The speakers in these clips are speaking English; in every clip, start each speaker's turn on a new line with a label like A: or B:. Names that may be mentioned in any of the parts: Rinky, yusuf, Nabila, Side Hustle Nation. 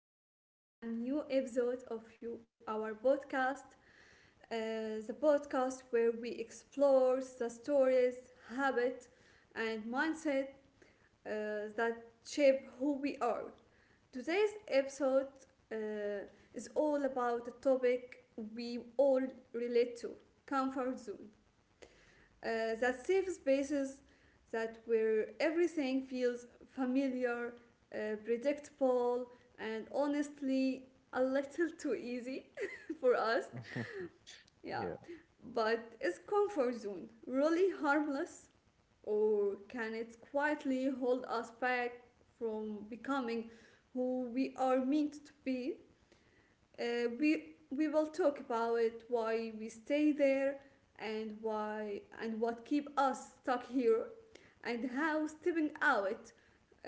A: welcome back to a new episode of you, our podcast. The podcast where we explore the stories, habits, and mindset that shape who we are. Today's episode uh, is all about a topic we all relate to: comfort zone. That safe spaces that where everything feels familiar, predictable, and honestly a little too easy for us. Yeah,
B: Yeah,
A: but is comfort zone really harmless, or can it quietly hold us back from becoming who we are meant to be? We will talk about why we stay there and why and what keep us stuck here and how stepping out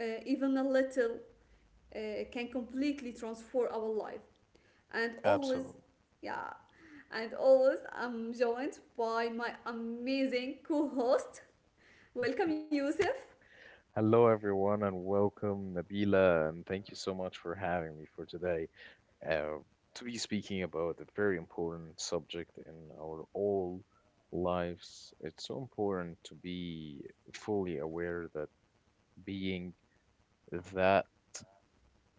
A: even a little uh, can completely transform our life and always.
B: absolutely.
A: Yeah, and always I'm joined by my amazing co-host. Welcome, Yusuf.
B: Hello, everyone, and welcome, Nabila, and thank you so much for having me for today, uh, to be speaking about a very important subject in our all lives. It's so important to be fully aware that being that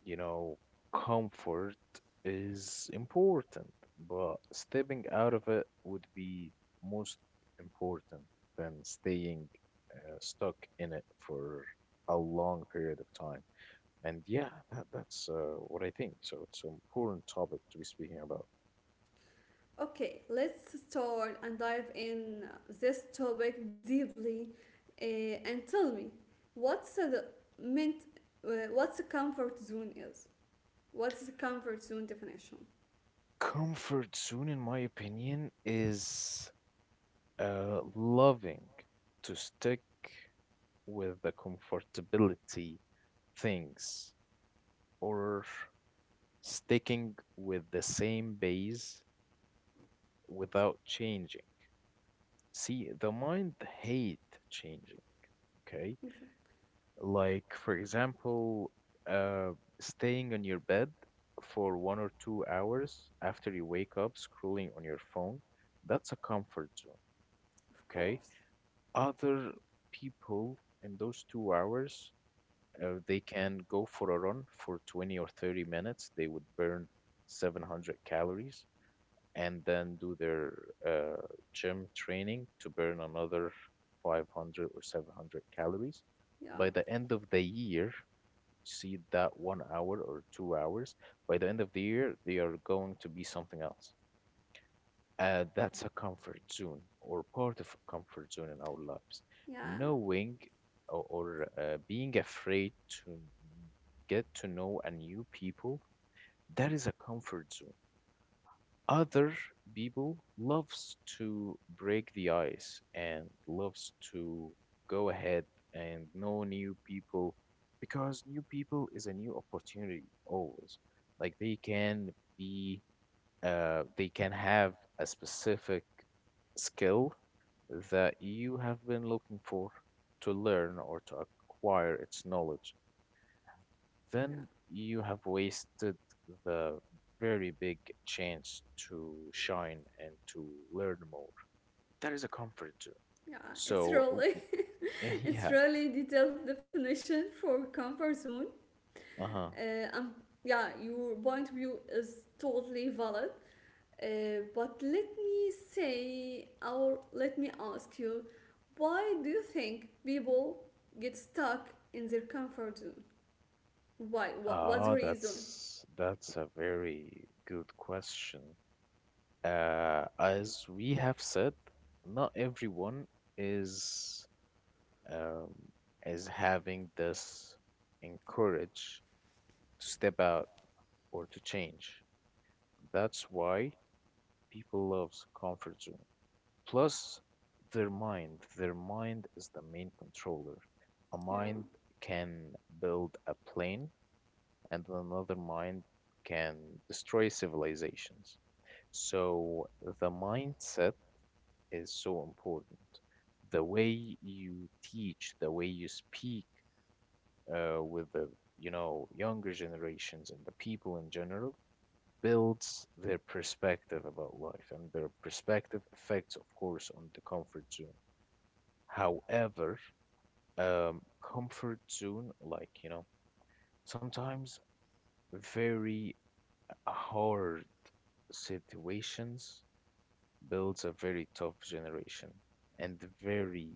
B: You know, comfort is important, but stepping out of it would be most important than staying stuck in it for a long period of time. And yeah, that's what I think. So it's an important topic to be speaking about.
A: Okay, let's start and dive in this topic deeply, and tell me what's the mint, what's the comfort zone is? What's the comfort zone definition?
B: Comfort zone, in my opinion, is loving to stick with the comfortability things or sticking with the same base without changing. See, the mind hate changing, okay?
A: Exactly.
B: Like, for example, uh, staying on your bed for 1 or 2 hours after you wake up, scrolling on your phone, that's a comfort zone,
A: Of
B: okay?
A: course.
B: Other people in those 2 hours, they can go for a run for 20 or 30 minutes. They would burn 700 calories and then do their uh, gym training to burn another 500 or 700 calories. By
A: Yeah,
B: the end of the year, see that 1 hour or 2 hours, by the end of the year, they are going to be something else. That's a comfort zone or part of a comfort zone in our lives.
A: yeah,
B: Knowing, or being afraid to get to know a new people, that is a comfort zone. Other people loves to break the ice and loves to go ahead and know new people, because new people is a new opportunity always. Like, be they can have a specific skill that you have been looking for to learn or to acquire its knowledge,
A: yeah,
B: then you have wasted the very big chance to shine and to learn more. That is a comfort zone.
A: yeah. It's
B: So,
A: really, it's
B: yeah,
A: really detailed definition for comfort zone.
B: uh-huh.
A: Uh, um, yeah, your point of view is totally valid. But let me say, or let me ask you, why do you think people get stuck in their comfort zone? Why? What's the
B: Ah,
A: reason?
B: that's a very good question. As we have said, not everyone is um, is having this encourage to step out or to change. That's why people loves comfort zone plus their mind. Their mind is the main controller. A mind
A: Yeah,
B: can build a plane, and another mind can destroy civilizations. So the mindset is so important. The way you teach, the way you speak with the younger generations and the people in general builds their perspective about life, and their perspective affects of course on the comfort zone. However, um, comfort zone, like, sometimes very hard situations builds a very tough generation, and very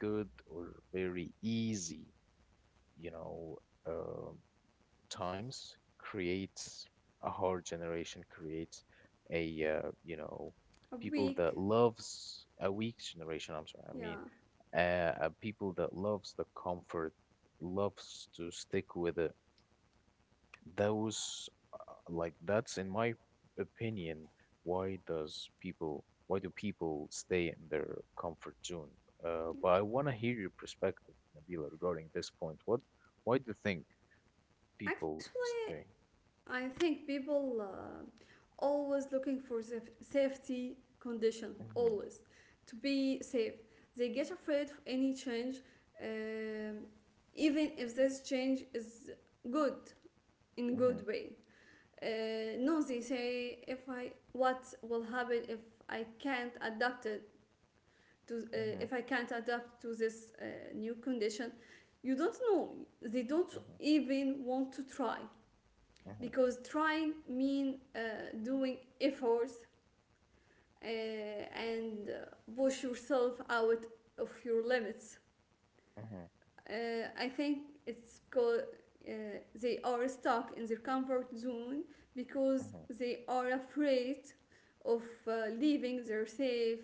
B: good or very easy, you know, uh, times creates a hard generation, creates a
A: a
B: people that
A: week.
B: loves a weak generation. I'm sorry, I mean,
A: Yeah.
B: people that loves the comfort, loves to stick with it. Those, like, that's in my opinion, why does people, why do people stay in their comfort zone? But
A: Yeah.
B: I want to hear your perspective, Nabila, regarding this point. Why do you think people
A: Actually,
B: stay?
A: I think people always looking for safety condition,
B: Mm-hmm,
A: always to be safe. They get afraid of any change, um, even if this change is good in good
B: mm-hmm,
A: way. uh, no, they say if I, what will happen if I can't adapt it to,
B: mm-hmm,
A: if I can't adapt to this new condition, you don't know. They don't
B: mm-hmm,
A: even want to try,
B: mm-hmm,
A: because trying mean doing efforts, and push yourself out of your limits.
B: mm-hmm.
A: I think it's called, uh, they are stuck in their comfort zone because
B: Mm-hmm.
A: they are afraid of leaving their safe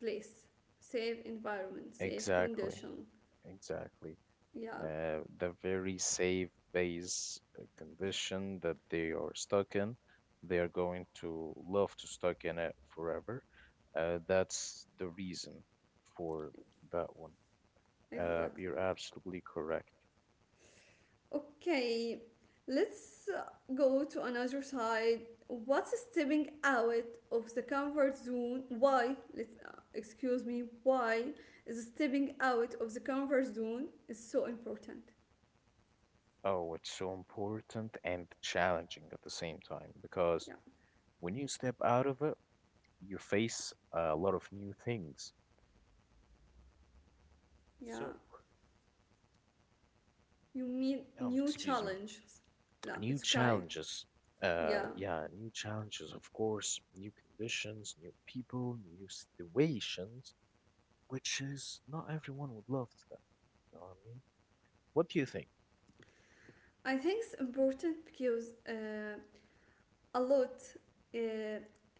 A: place, safe environment, safe
B: Exactly,
A: condition.
B: exactly.
A: Yeah,
B: The very safe base condition that they are stuck in. They are going to love to stuck in it forever. That's the reason for that one. You're
A: exactly.
B: absolutely correct.
A: Okay, let's go to another side. What's stepping out of the comfort zone? Why? Let's Excuse me. Why is stepping out of the comfort zone is so important?
B: Oh, it's so important and challenging at the same time, because
A: Yeah,
B: when you step out of it, you face a lot of new things.
A: yeah.
B: So,
A: You mean new
B: excuse me.
A: challenges. Yeah,
B: New
A: it's okay.
B: challenges,
A: Yeah.
B: yeah, new challenges, of course, new conditions, new people, new situations, which is not everyone would love that, you know what I mean? What do you think?
A: I think it's important because a lot, uh,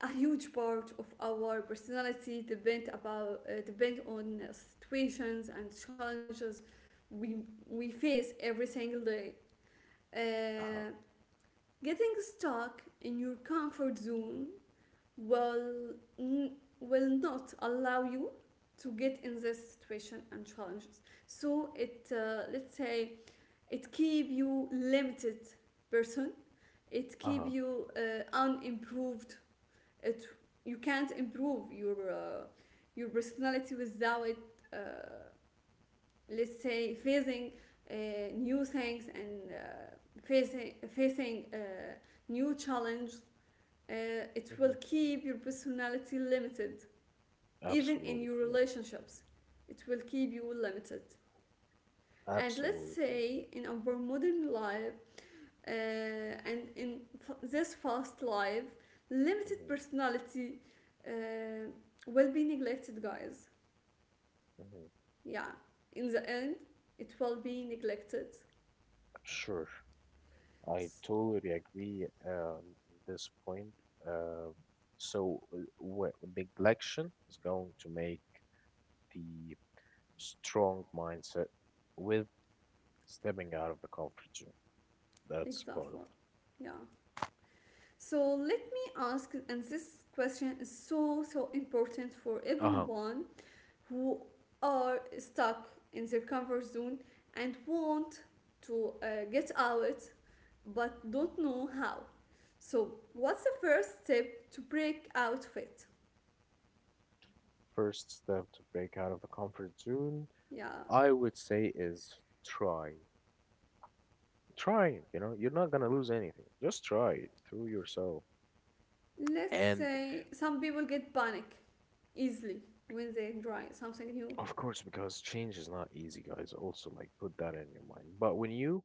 A: a huge part of our personality depend about depend on situations and challenges we we face every single day.
B: Uh-huh.
A: Uh, getting stuck in your comfort zone will n- will not allow you to get in this situation and challenges, so it, let's say, it keep you limited person, it
B: Uh-huh.
A: keep you unimproved, it, you can't improve your personality without uh, let's say facing uh, new things and facing new challenge, uh, it
B: Hmm.
A: will keep your personality limited, even in
B: Absolutely
A: your
B: correct.
A: relationships. It will keep you limited. And let's
B: Absolutely correct.
A: say in our modern life, and in this fast life, limited
B: Hmm.
A: personality uh, will be neglected, guys.
B: Hmm.
A: Yeah, in the end, it will be neglected.
B: Sure, I totally agree on this point. uh, so what neglection is going to make the strong mindset. Stepping out of the comfort zone. That's part of
A: Exactly.
B: it.
A: Yeah. So let me ask, and this question is so so important for
B: Uh-huh.
A: everyone who are stuck in their comfort zone and want to get out but don't know how. So, what's the first step to break out of it?
B: First step to break out of the comfort zone,
A: Yeah,
B: I would say, is try. Trying, you know, you're not gonna lose anything. Just try it through yourself.
A: let's
B: And
A: say some people get panic easily when they try something new.
B: of course, because change is not easy, guys, also like put that in your mind. But when you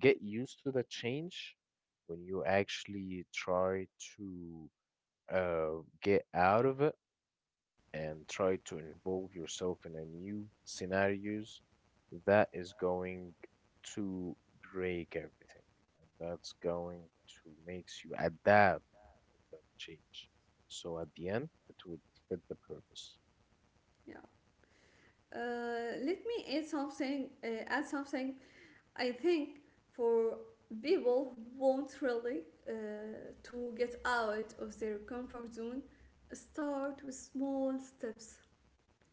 B: get used to the change, when you actually try to get out of it, and try to involve yourself in a new scenarios, that is going to break everything, and that's going to makes you adapt that change, so at the end it would fit the purpose.
A: Yeah. Let me add something. Add something. I think for people who want really uh, to get out of their comfort zone, start with small steps.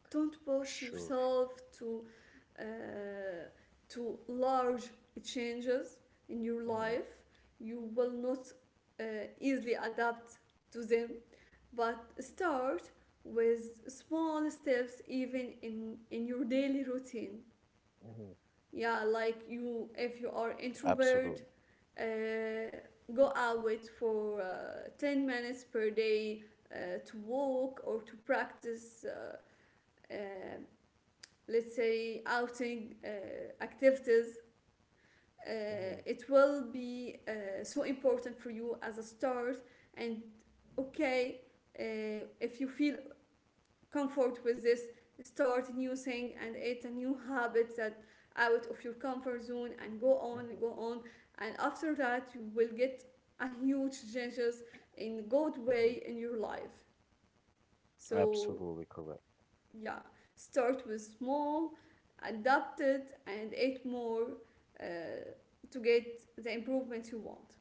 A: Don't push
B: Sure.
A: yourself to uh, to large changes in your
B: Hmm.
A: life. You will not uh, easily adapt to them. But start with small steps, even in your daily routine.
B: Hmm.
A: Yeah, like you, if you are introvert,
B: Absolutely.
A: uh, go out for 10 minutes per day to walk or to practice uh, let's say outing activities.
B: Hmm.
A: It will be so important for you as a start. And okay, if you feel comfort with this, start new thing, and it's a new habit that out of your comfort zone, and go on and
B: Hmm.
A: go on, and after that you will get a huge changes in good
B: Hmm.
A: way in your life. So
B: Absolutely correct.
A: yeah, start with small, adapt it and add more, uh, to get the improvements you want.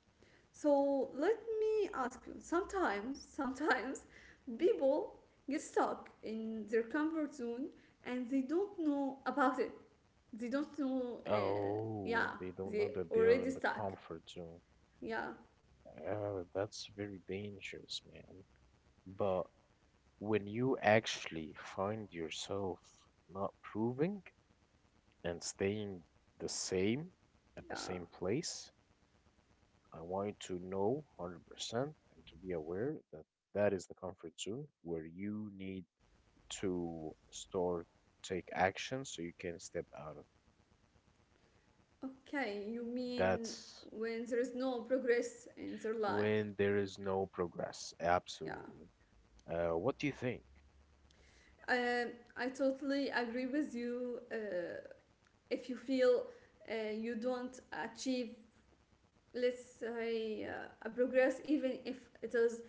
A: So let me ask you. Sometimes, sometimes people get stuck in their comfort zone and they don't know about it. They don't know. Yeah,
B: Oh, they don't know
A: they
B: that they are
A: already
B: in the
A: stuck.
B: comfort zone.
A: Yeah,
B: Oh, that's very dangerous, man. But when you actually find yourself not proving and staying the same at the
A: yeah.
B: same place, I want you to know 100% and to be aware that that is the comfort zone where you need to start take action, so you can step out of
A: Okay, you
B: it.
A: mean
B: That's
A: when there is no progress in their life?
B: when there is no progress.
A: Yeah.
B: Absolutely. What do you think?
A: I totally agree with you. If you feel you don't achieve, let's say, a progress, even if it is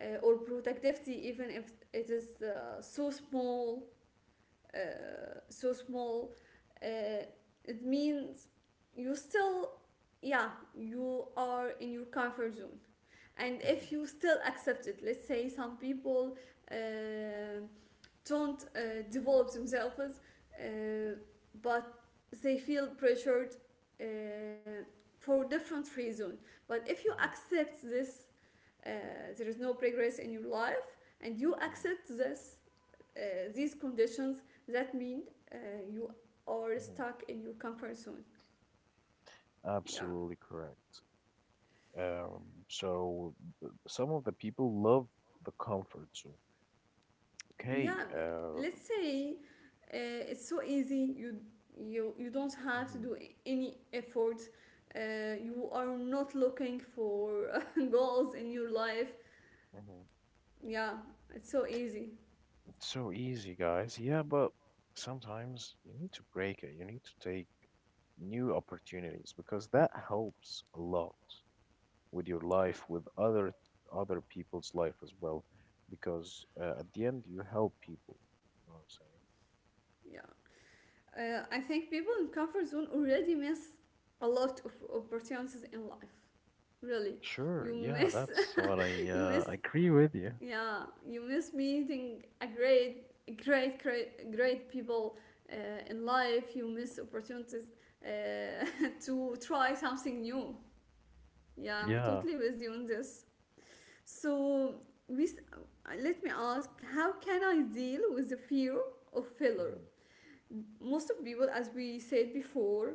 A: or productivity, even if it is uh, so small, uh, it means you still, yeah, you are in your comfort zone. And
B: Mhm.
A: if you still accept it, let's say some people uh, don't develop themselves, uh, but they feel pressured uh, for different reasons. But if you
B: Mhm.
A: accept this, uh, there is no progress in your life and you
B: Mhm.
A: accept this, uh, these conditions, that mean uh, you are
B: Mhm.
A: stuck in your comfort zone. Yeah.
B: Absolutely correct. So some of the people love the comfort zone. Okay,
A: Yeah, let's say it's so easy, you you don't have to
B: mhm,
A: do any effort, you are not looking for goals in your life.
B: mhm.
A: Yeah, it's so easy.
B: It's so easy, guys. Yeah, but sometimes you need to break it. You need to take new opportunities, because that helps a lot with your
A: Yeah.
B: life, with other people's life as well. Because at the end, you help people. You know what I'm saying?
A: Yeah. I think people in comfort zone already miss a lot of opportunities in life. Really,
B: Sure,
A: you
B: yeah,
A: miss,
B: that's what I
A: you miss,
B: uh, I agree with you.
A: yeah, you miss meeting a great, great, great, great people uh, in life. You miss opportunities, uh, to try something new. Yeah, I'm
B: Yeah.
A: totally with you on this. So, let me ask, how can I deal with the fear of failure?
B: Hmm.
A: Most of people, as we said before,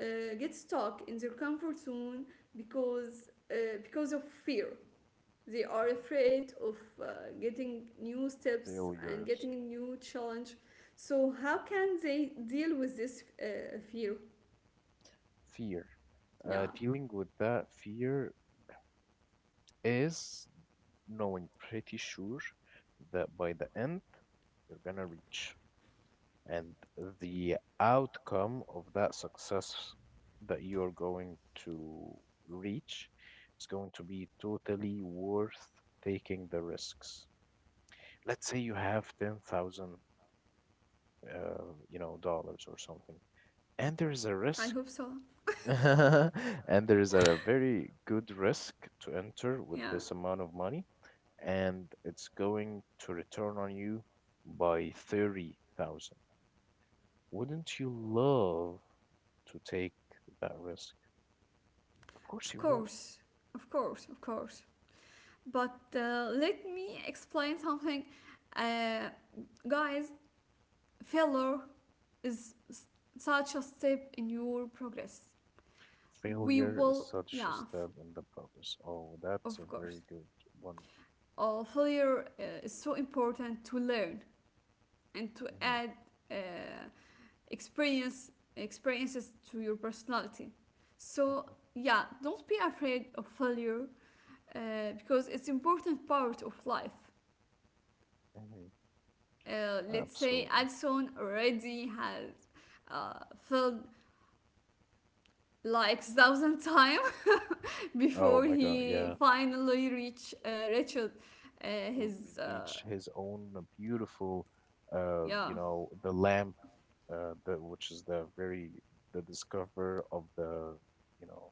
A: get stuck in their comfort zone because of fear. They are
B: Hmm.
A: afraid of uh, getting new steps and
B: Failures.
A: getting a new challenge. So how can they deal with this fear?
B: Fear.
A: Yeah,
B: Dealing with that fear is knowing pretty sure that by the end you're gonna reach, and the outcome of that success that you're going to reach is going to be totally worth taking the risks. Let's say you have 10,000, dollars or something, and there is a
A: I hope
B: risk,
A: so.
B: and there is a very good risk to enter
A: Yeah,
B: with this amount of money, and it's going to return on you by 30,000. Wouldn't you love to take that risk? Of course
A: of
B: you would.
A: course, of course, of course. But let me explain something. Uh, Guys, failure is such a step in your progress. We
B: Failure is
A: will,
B: such a
A: yeah,
B: step in the progress. Oh, that's a
A: of course.
B: very good one.
A: Failure is so important to learn and to
B: Hmm.
A: add uh, experiences to your personality. So
B: Hmm.
A: yeah, don't be afraid of failure uh, because it's important part of life.
B: Hmm.
A: Let's say
B: Absolutely.
A: Alson already has uh, failed like thousand times
B: Oh
A: before
B: my God,
A: he
B: yeah.
A: finally reached
B: w-
A: his
B: Reach his own beautiful,
A: yeah
B: the lamp, the which is the very the discover of the, you know,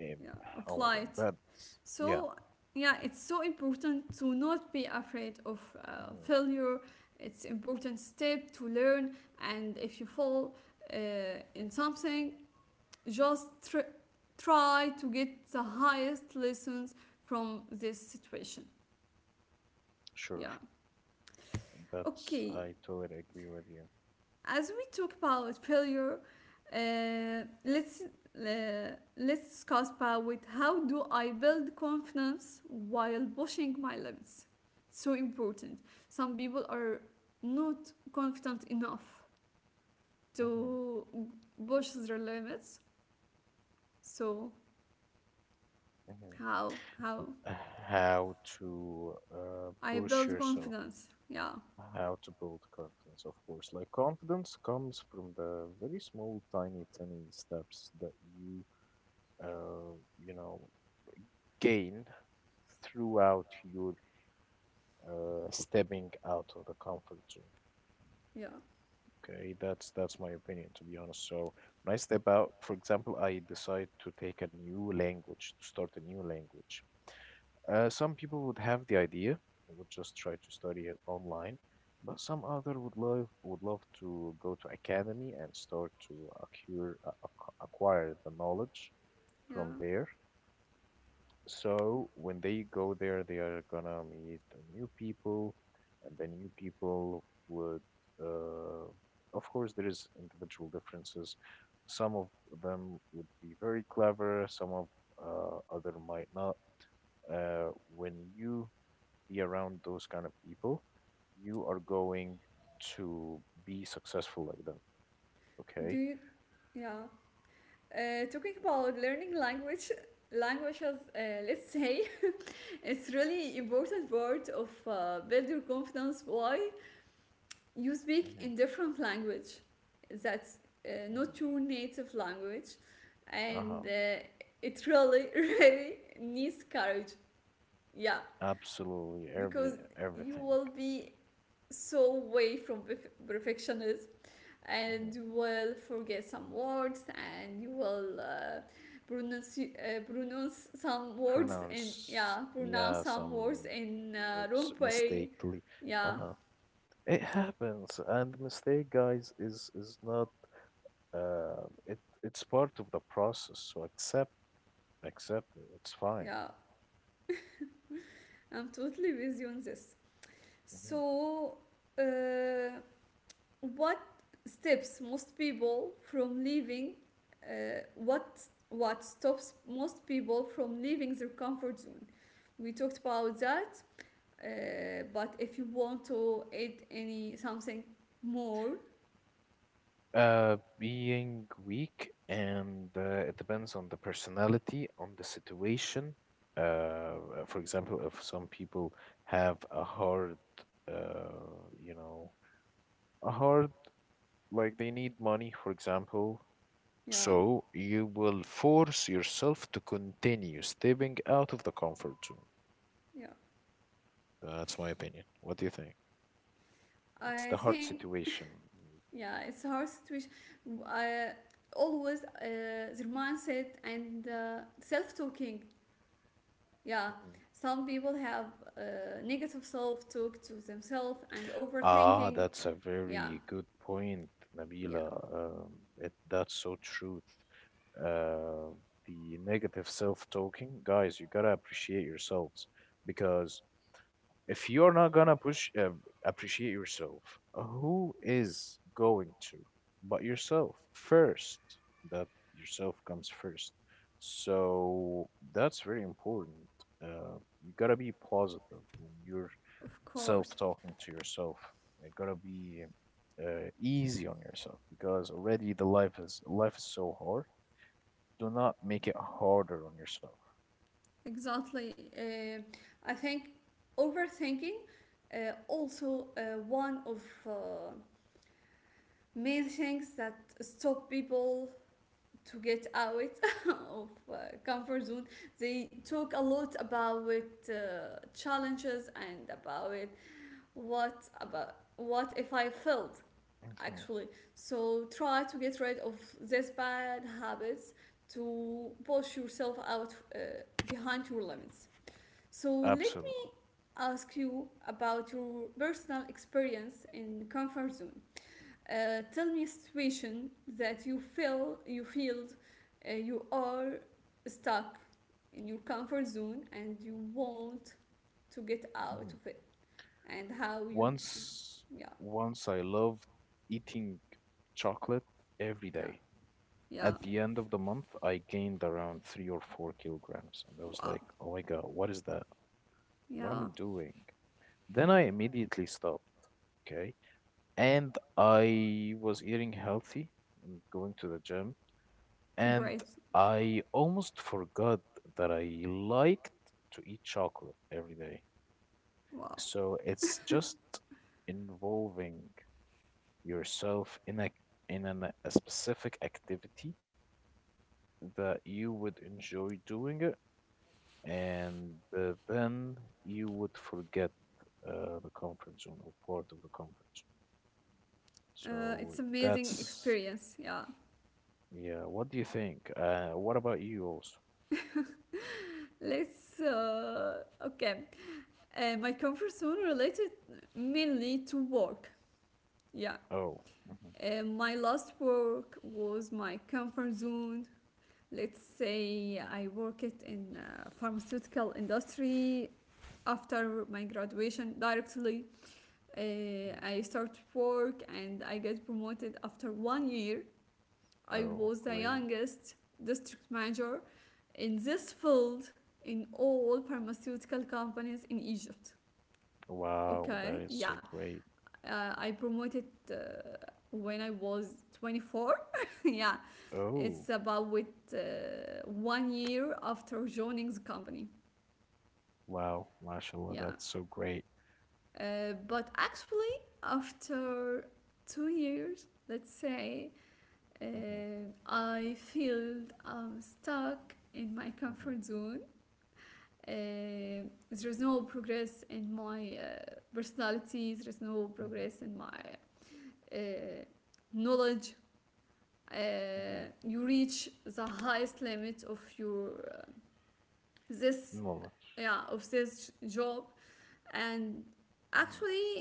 B: um,
A: yeah
B: oh my God,
A: flight.
B: that's yeah.
A: So, yeah, it's so important to not be afraid of
B: Hmm.
A: failure. It's important step to learn, and if you fall in something, just try to get the highest lessons from this situation.
B: Sure,
A: Yeah.
B: that's
A: Okay,
B: I totally agree with you.
A: as we talk about failure, uh, let's uh, let's discuss about with how do I build confidence while pushing my limits. So important. Some people are not confident enough
B: Hmm.
A: to push their limits. So
B: Hmm.
A: how
B: How to
A: I
B: push
A: build
B: yourself,
A: confidence? Yeah,
B: how to build confidence, of course. Like, confidence comes from the very small, tiny, tiny steps that you uh, you know, gain throughout your stepping out of the comfort zone.
A: yeah,
B: Okay, that's my opinion, to be honest. So when I step out, for example, I decide to take a new language, to start a new language. Some people would have the idea, would just try to study it online, but some other would love to go to academy and start to acquire the knowledge
A: yeah.
B: from there. So when they go there, they are gonna meet the new people, and the new people would, uh, of course, there is individual differences. Some of them would be very clever, some of other might not. When you be around those kind of people, you are going to be successful like them.
A: Do
B: Okay.
A: you? Yeah. Talking about learning languages, let's say it's really important part of build your confidence. Why you speak
B: Mm-hmm.
A: in different language, that's not
B: Mm-hmm.
A: your native language,
B: Uh-huh.
A: and it really really needs courage. Yeah,
B: Absolutely,
A: because you
B: everything.
A: will be so way from perfectionism, and
B: Mm-hmm.
A: you will forget some words and you will pronounce some words in,
B: Pronounce,
A: yeah, pronounce
B: yeah,
A: some words
B: some
A: in wrong
B: words
A: way.
B: mistakenly.
A: Yeah.
B: Uh-huh. It happens, and mistake, guys, is not, it's part of the process, so accept, accept it, it's fine.
A: Yeah, I'm totally with you on this.
B: Mhm.
A: So, uh, what steps most people from leaving uh, what what stops most people from leaving their comfort zone? We talked about that. But if you want to add any something more,
B: Being weak, and it depends on the personality, on the situation. For example, if some people have a hard, uh you know a hard, like, they need money for example.
A: yeah,
B: So you will force yourself to continue stepping out of the comfort zone.
A: yeah,
B: That's my opinion. What do you think? It's
A: I
B: the hard
A: think,
B: situation, maybe.
A: yeah, it's a hard situation. I always, their mindset and self-talking. Yeah,
B: Mhm.
A: some people have negative self-talk to themselves and
B: Ah,
A: overthinking.
B: that's a
A: Yeah,
B: very good point,
A: yeah,
B: Nabila. That's so truth. Uh, the negative self-talking, guys, you gotta appreciate yourselves, because if you're not gonna push, appreciate yourself, who is going to? But yourself first. That Yourself comes first. So that's very important. You gotta be positive when you're
A: of
B: self
A: course,
B: talking to yourself. You gotta be easy on yourself, because already the life is so hard. Do not make it harder on yourself.
A: exactly. I think overthinking also one of made things that stop people to get out of comfort zone. They talk a lot about challenges and about what if I failed
B: Mhm.
A: actually. So try to get rid of these bad habits to push yourself out, behind your limits. So let me
B: Absolutely.
A: ask you about your personal experience in comfort zone. Tell me a situation that you feel, you are stuck in your comfort zone and you want to get out
B: Mhm.
A: of it, and how you,
B: Once,
A: yeah
B: once I loved eating chocolate every
A: yeah
B: day. At
A: yeah
B: the end of the month, I gained around 3 or 4 kilograms, and I was like,
A: wow
B: "Oh my God, what is that? What am I
A: yeah
B: doing?" Then I immediately stopped, okay? And I was eating healthy and going to the gym, and
A: great
B: I almost forgot that I liked to eat chocolate every day.
A: wow,
B: So it's just involving yourself in a specific activity that you would enjoy doing it, and then you would forget the comfort zone or part of the comfort zone. So
A: it's amazing
B: that's,
A: experience. Yeah,
B: yeah. What do you think? What about you also?
A: let's okay, my comfort zone related mainly to work. Yeah,
B: Oh, mhm,
A: my last work was my comfort zone. Let's say I worked in pharmaceutical industry after my graduation directly.
B: mhm.
A: I start work and I get promoted after 1 year. I
B: Oh,
A: was the
B: great!
A: youngest district manager in this field in all pharmaceutical companies in Egypt.
B: Wow,
A: Okay,
B: that is
A: yeah,
B: so great.
A: I promoted uh, when I was 24. Yeah,
B: Oh,
A: it's about with 1 year after joining the company.
B: wow, mashallah,
A: Yeah.
B: that's so great.
A: But actually, after 2 years, let's say,
B: Mm-hmm.
A: uh, I feel I'm stuck in my
B: Mm-hmm.
A: comfort zone. Uh, there's no progress in my personality, there's no
B: Mm-hmm.
A: progress in my uh, knowledge.
B: Mm-hmm.
A: You reach the highest limit of your this
B: Knowledge.
A: yeah of this job and
B: Mm-hmm.
A: actually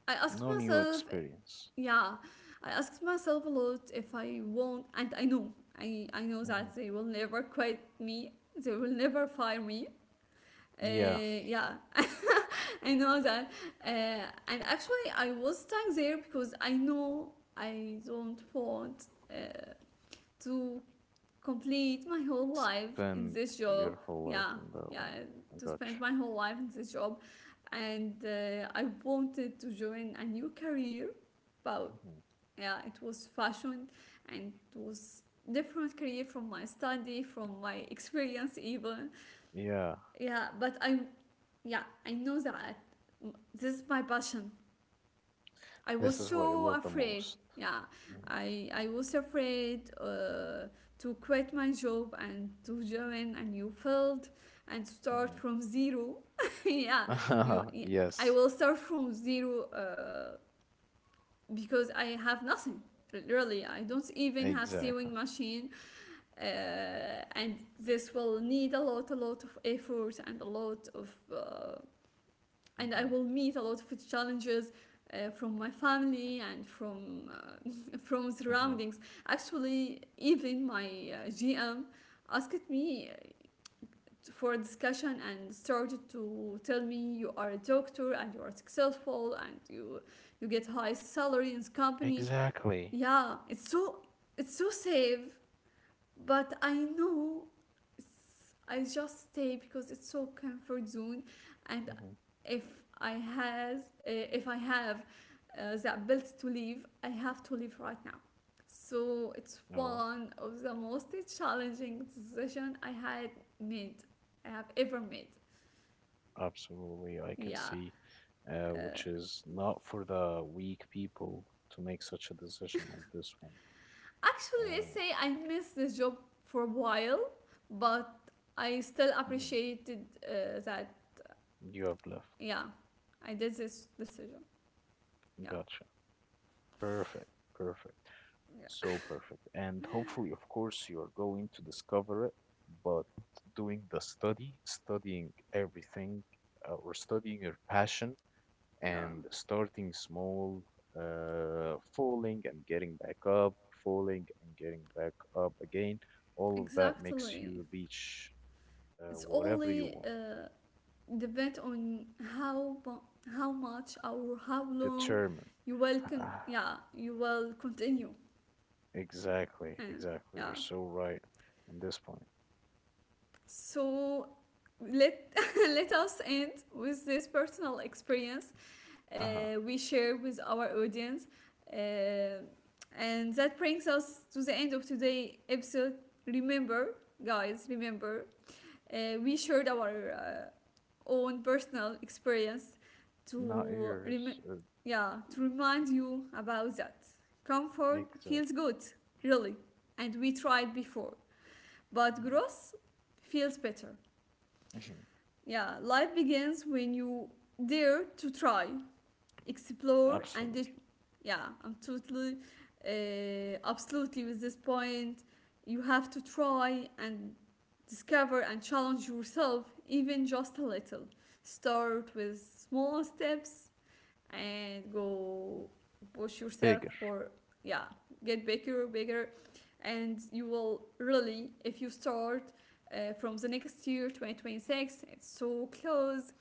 A: I asked
B: No new
A: myself
B: experience.
A: yeah, I asked myself a lot if I won't, and I know I know
B: Hmm.
A: that they will never quit me, they will never fire me.
B: Yeah,
A: Yeah, I know that. And actually I was stuck there because I know I don't want uh, to complete my whole life
B: spend
A: in this
B: your
A: job.
B: whole life
A: Yeah,
B: in that one.
A: yeah,
B: I
A: to
B: gotcha.
A: spend my whole life in this job. And I wanted to join a new career, but
B: Hmm.
A: yeah, it was fashion, and it was different career from my study, from my experience even.
B: Yeah,
A: Yeah, but I know that this is my passion. I
B: this
A: was
B: is what you
A: so
B: love the
A: afraid.
B: most.
A: Yeah, I was afraid to quit my job and to join a new field and
B: Mm-hmm.
A: start from zero. Yeah, you. Yeah, I
B: Yes,
A: will start from zero because I have nothing. Really, I don't even have
B: exactly.
A: sewing machine, uh, and this will need a lot of effort and a lot of and I
B: Hmm.
A: will meet a lot of challenges from my family and from from
B: Hmm.
A: surroundings. Actually, even my GM asked me for a discussion and started to tell me you are a doctor and you are successful and you get high salary in this company.
B: Exactly.
A: Yeah, it's so safe, but I know I just stay because it's so comfort zone, and
B: Hmm.
A: if I has if I have the ability to leave, I have to leave right now. So it's
B: No,
A: one of the most challenging decision made, I have ever made.
B: absolutely. I can
A: Yeah,
B: see,
A: uh,
B: which is not for the weak people to make such a decision like this one.
A: actually, let's
B: Uh,
A: say I missed this job for a while, but I still
B: mhm.
A: appreciated that.
B: You have left.
A: Yeah, I did this decision. Yeah,
B: Gotcha. Perfect. Perfect.
A: yeah,
B: So perfect. And hopefully, of course, you're going to discover it, but doing the study, studying everything, or studying your passion
A: yeah.
B: and starting small, falling and getting back up, falling and getting back up again, all of that makes you
A: Exactly.
B: reach
A: It's
B: whatever you
A: only
B: want.
A: depend on how mu- how much or how long
B: Determine. Ah,
A: yeah you will continue.
B: exactly,
A: Uh,
B: exactly.
A: yeah.
B: You're so right in this point.
A: So let let us end with this personal experience
B: Uh-huh.
A: we share with our audience, uh, and that brings us to the end of today episode. Remember, guys, remember we shared our own personal experience to
B: Not
A: rem-
B: yours.
A: yeah to remind you about that. Comfort
B: Exactly.
A: feels good, really, and we tried before, but growth feels better.
B: Mhm.
A: Yeah, life begins when you dare to try, explore, and it,
B: Absolutely.
A: yeah, I'm totally, absolutely with this point. You have to try and discover and challenge yourself even just a little. Start with small steps and go push yourself
B: Bigger.
A: for yeah, get bigger, bigger, and you will really if you start from the next year 2026, it's so close.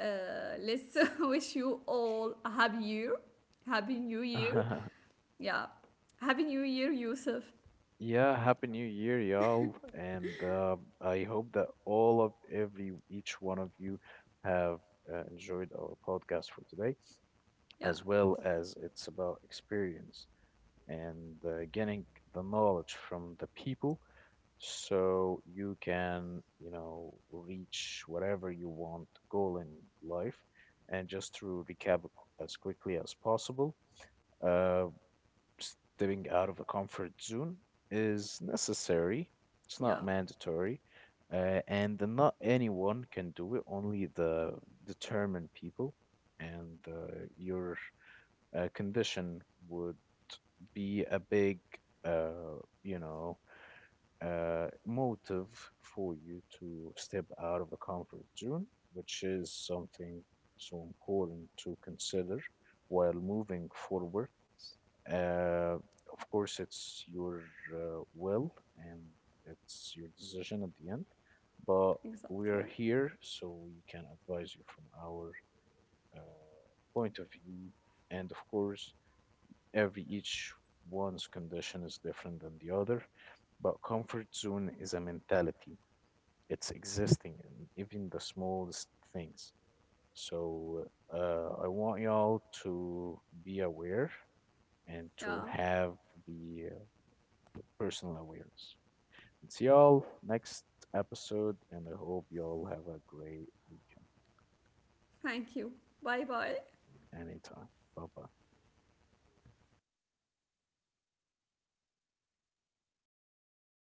A: Let's wish you all a happy year, happy new year, yeah, happy new year Yusuf.
B: Yeah, happy new year, y'all. And I hope that all of every each one of you have enjoyed our podcast for today,
A: Yeah,
B: as well as it's about experience and getting the knowledge from the people, so you can, you know, reach whatever you want goal in life. And just to recap as quickly as possible. uh, stepping out of the comfort zone is necessary. It's not
A: yeah,
B: mandatory, and not anyone can do it. Only the determined people, and your condition would be a big, uh, you know, motive for you to step out of the comfort zone, which is something so important to consider while moving forward. uh, of course, it's your will and it's your decision at the end, but we
A: exactly,
B: are here so we can advise you from our uh, point of view. And of course, every each one's condition is different than the other, but comfort zone is a mentality. It's existing in even the smallest things. So I want y'all to be aware and
A: yeah.
B: to have the personal awareness. It's y'all next episode, and I hope y'all have a great weekend.
A: Thank you. Bye bye.
B: Anytime. Bye bye.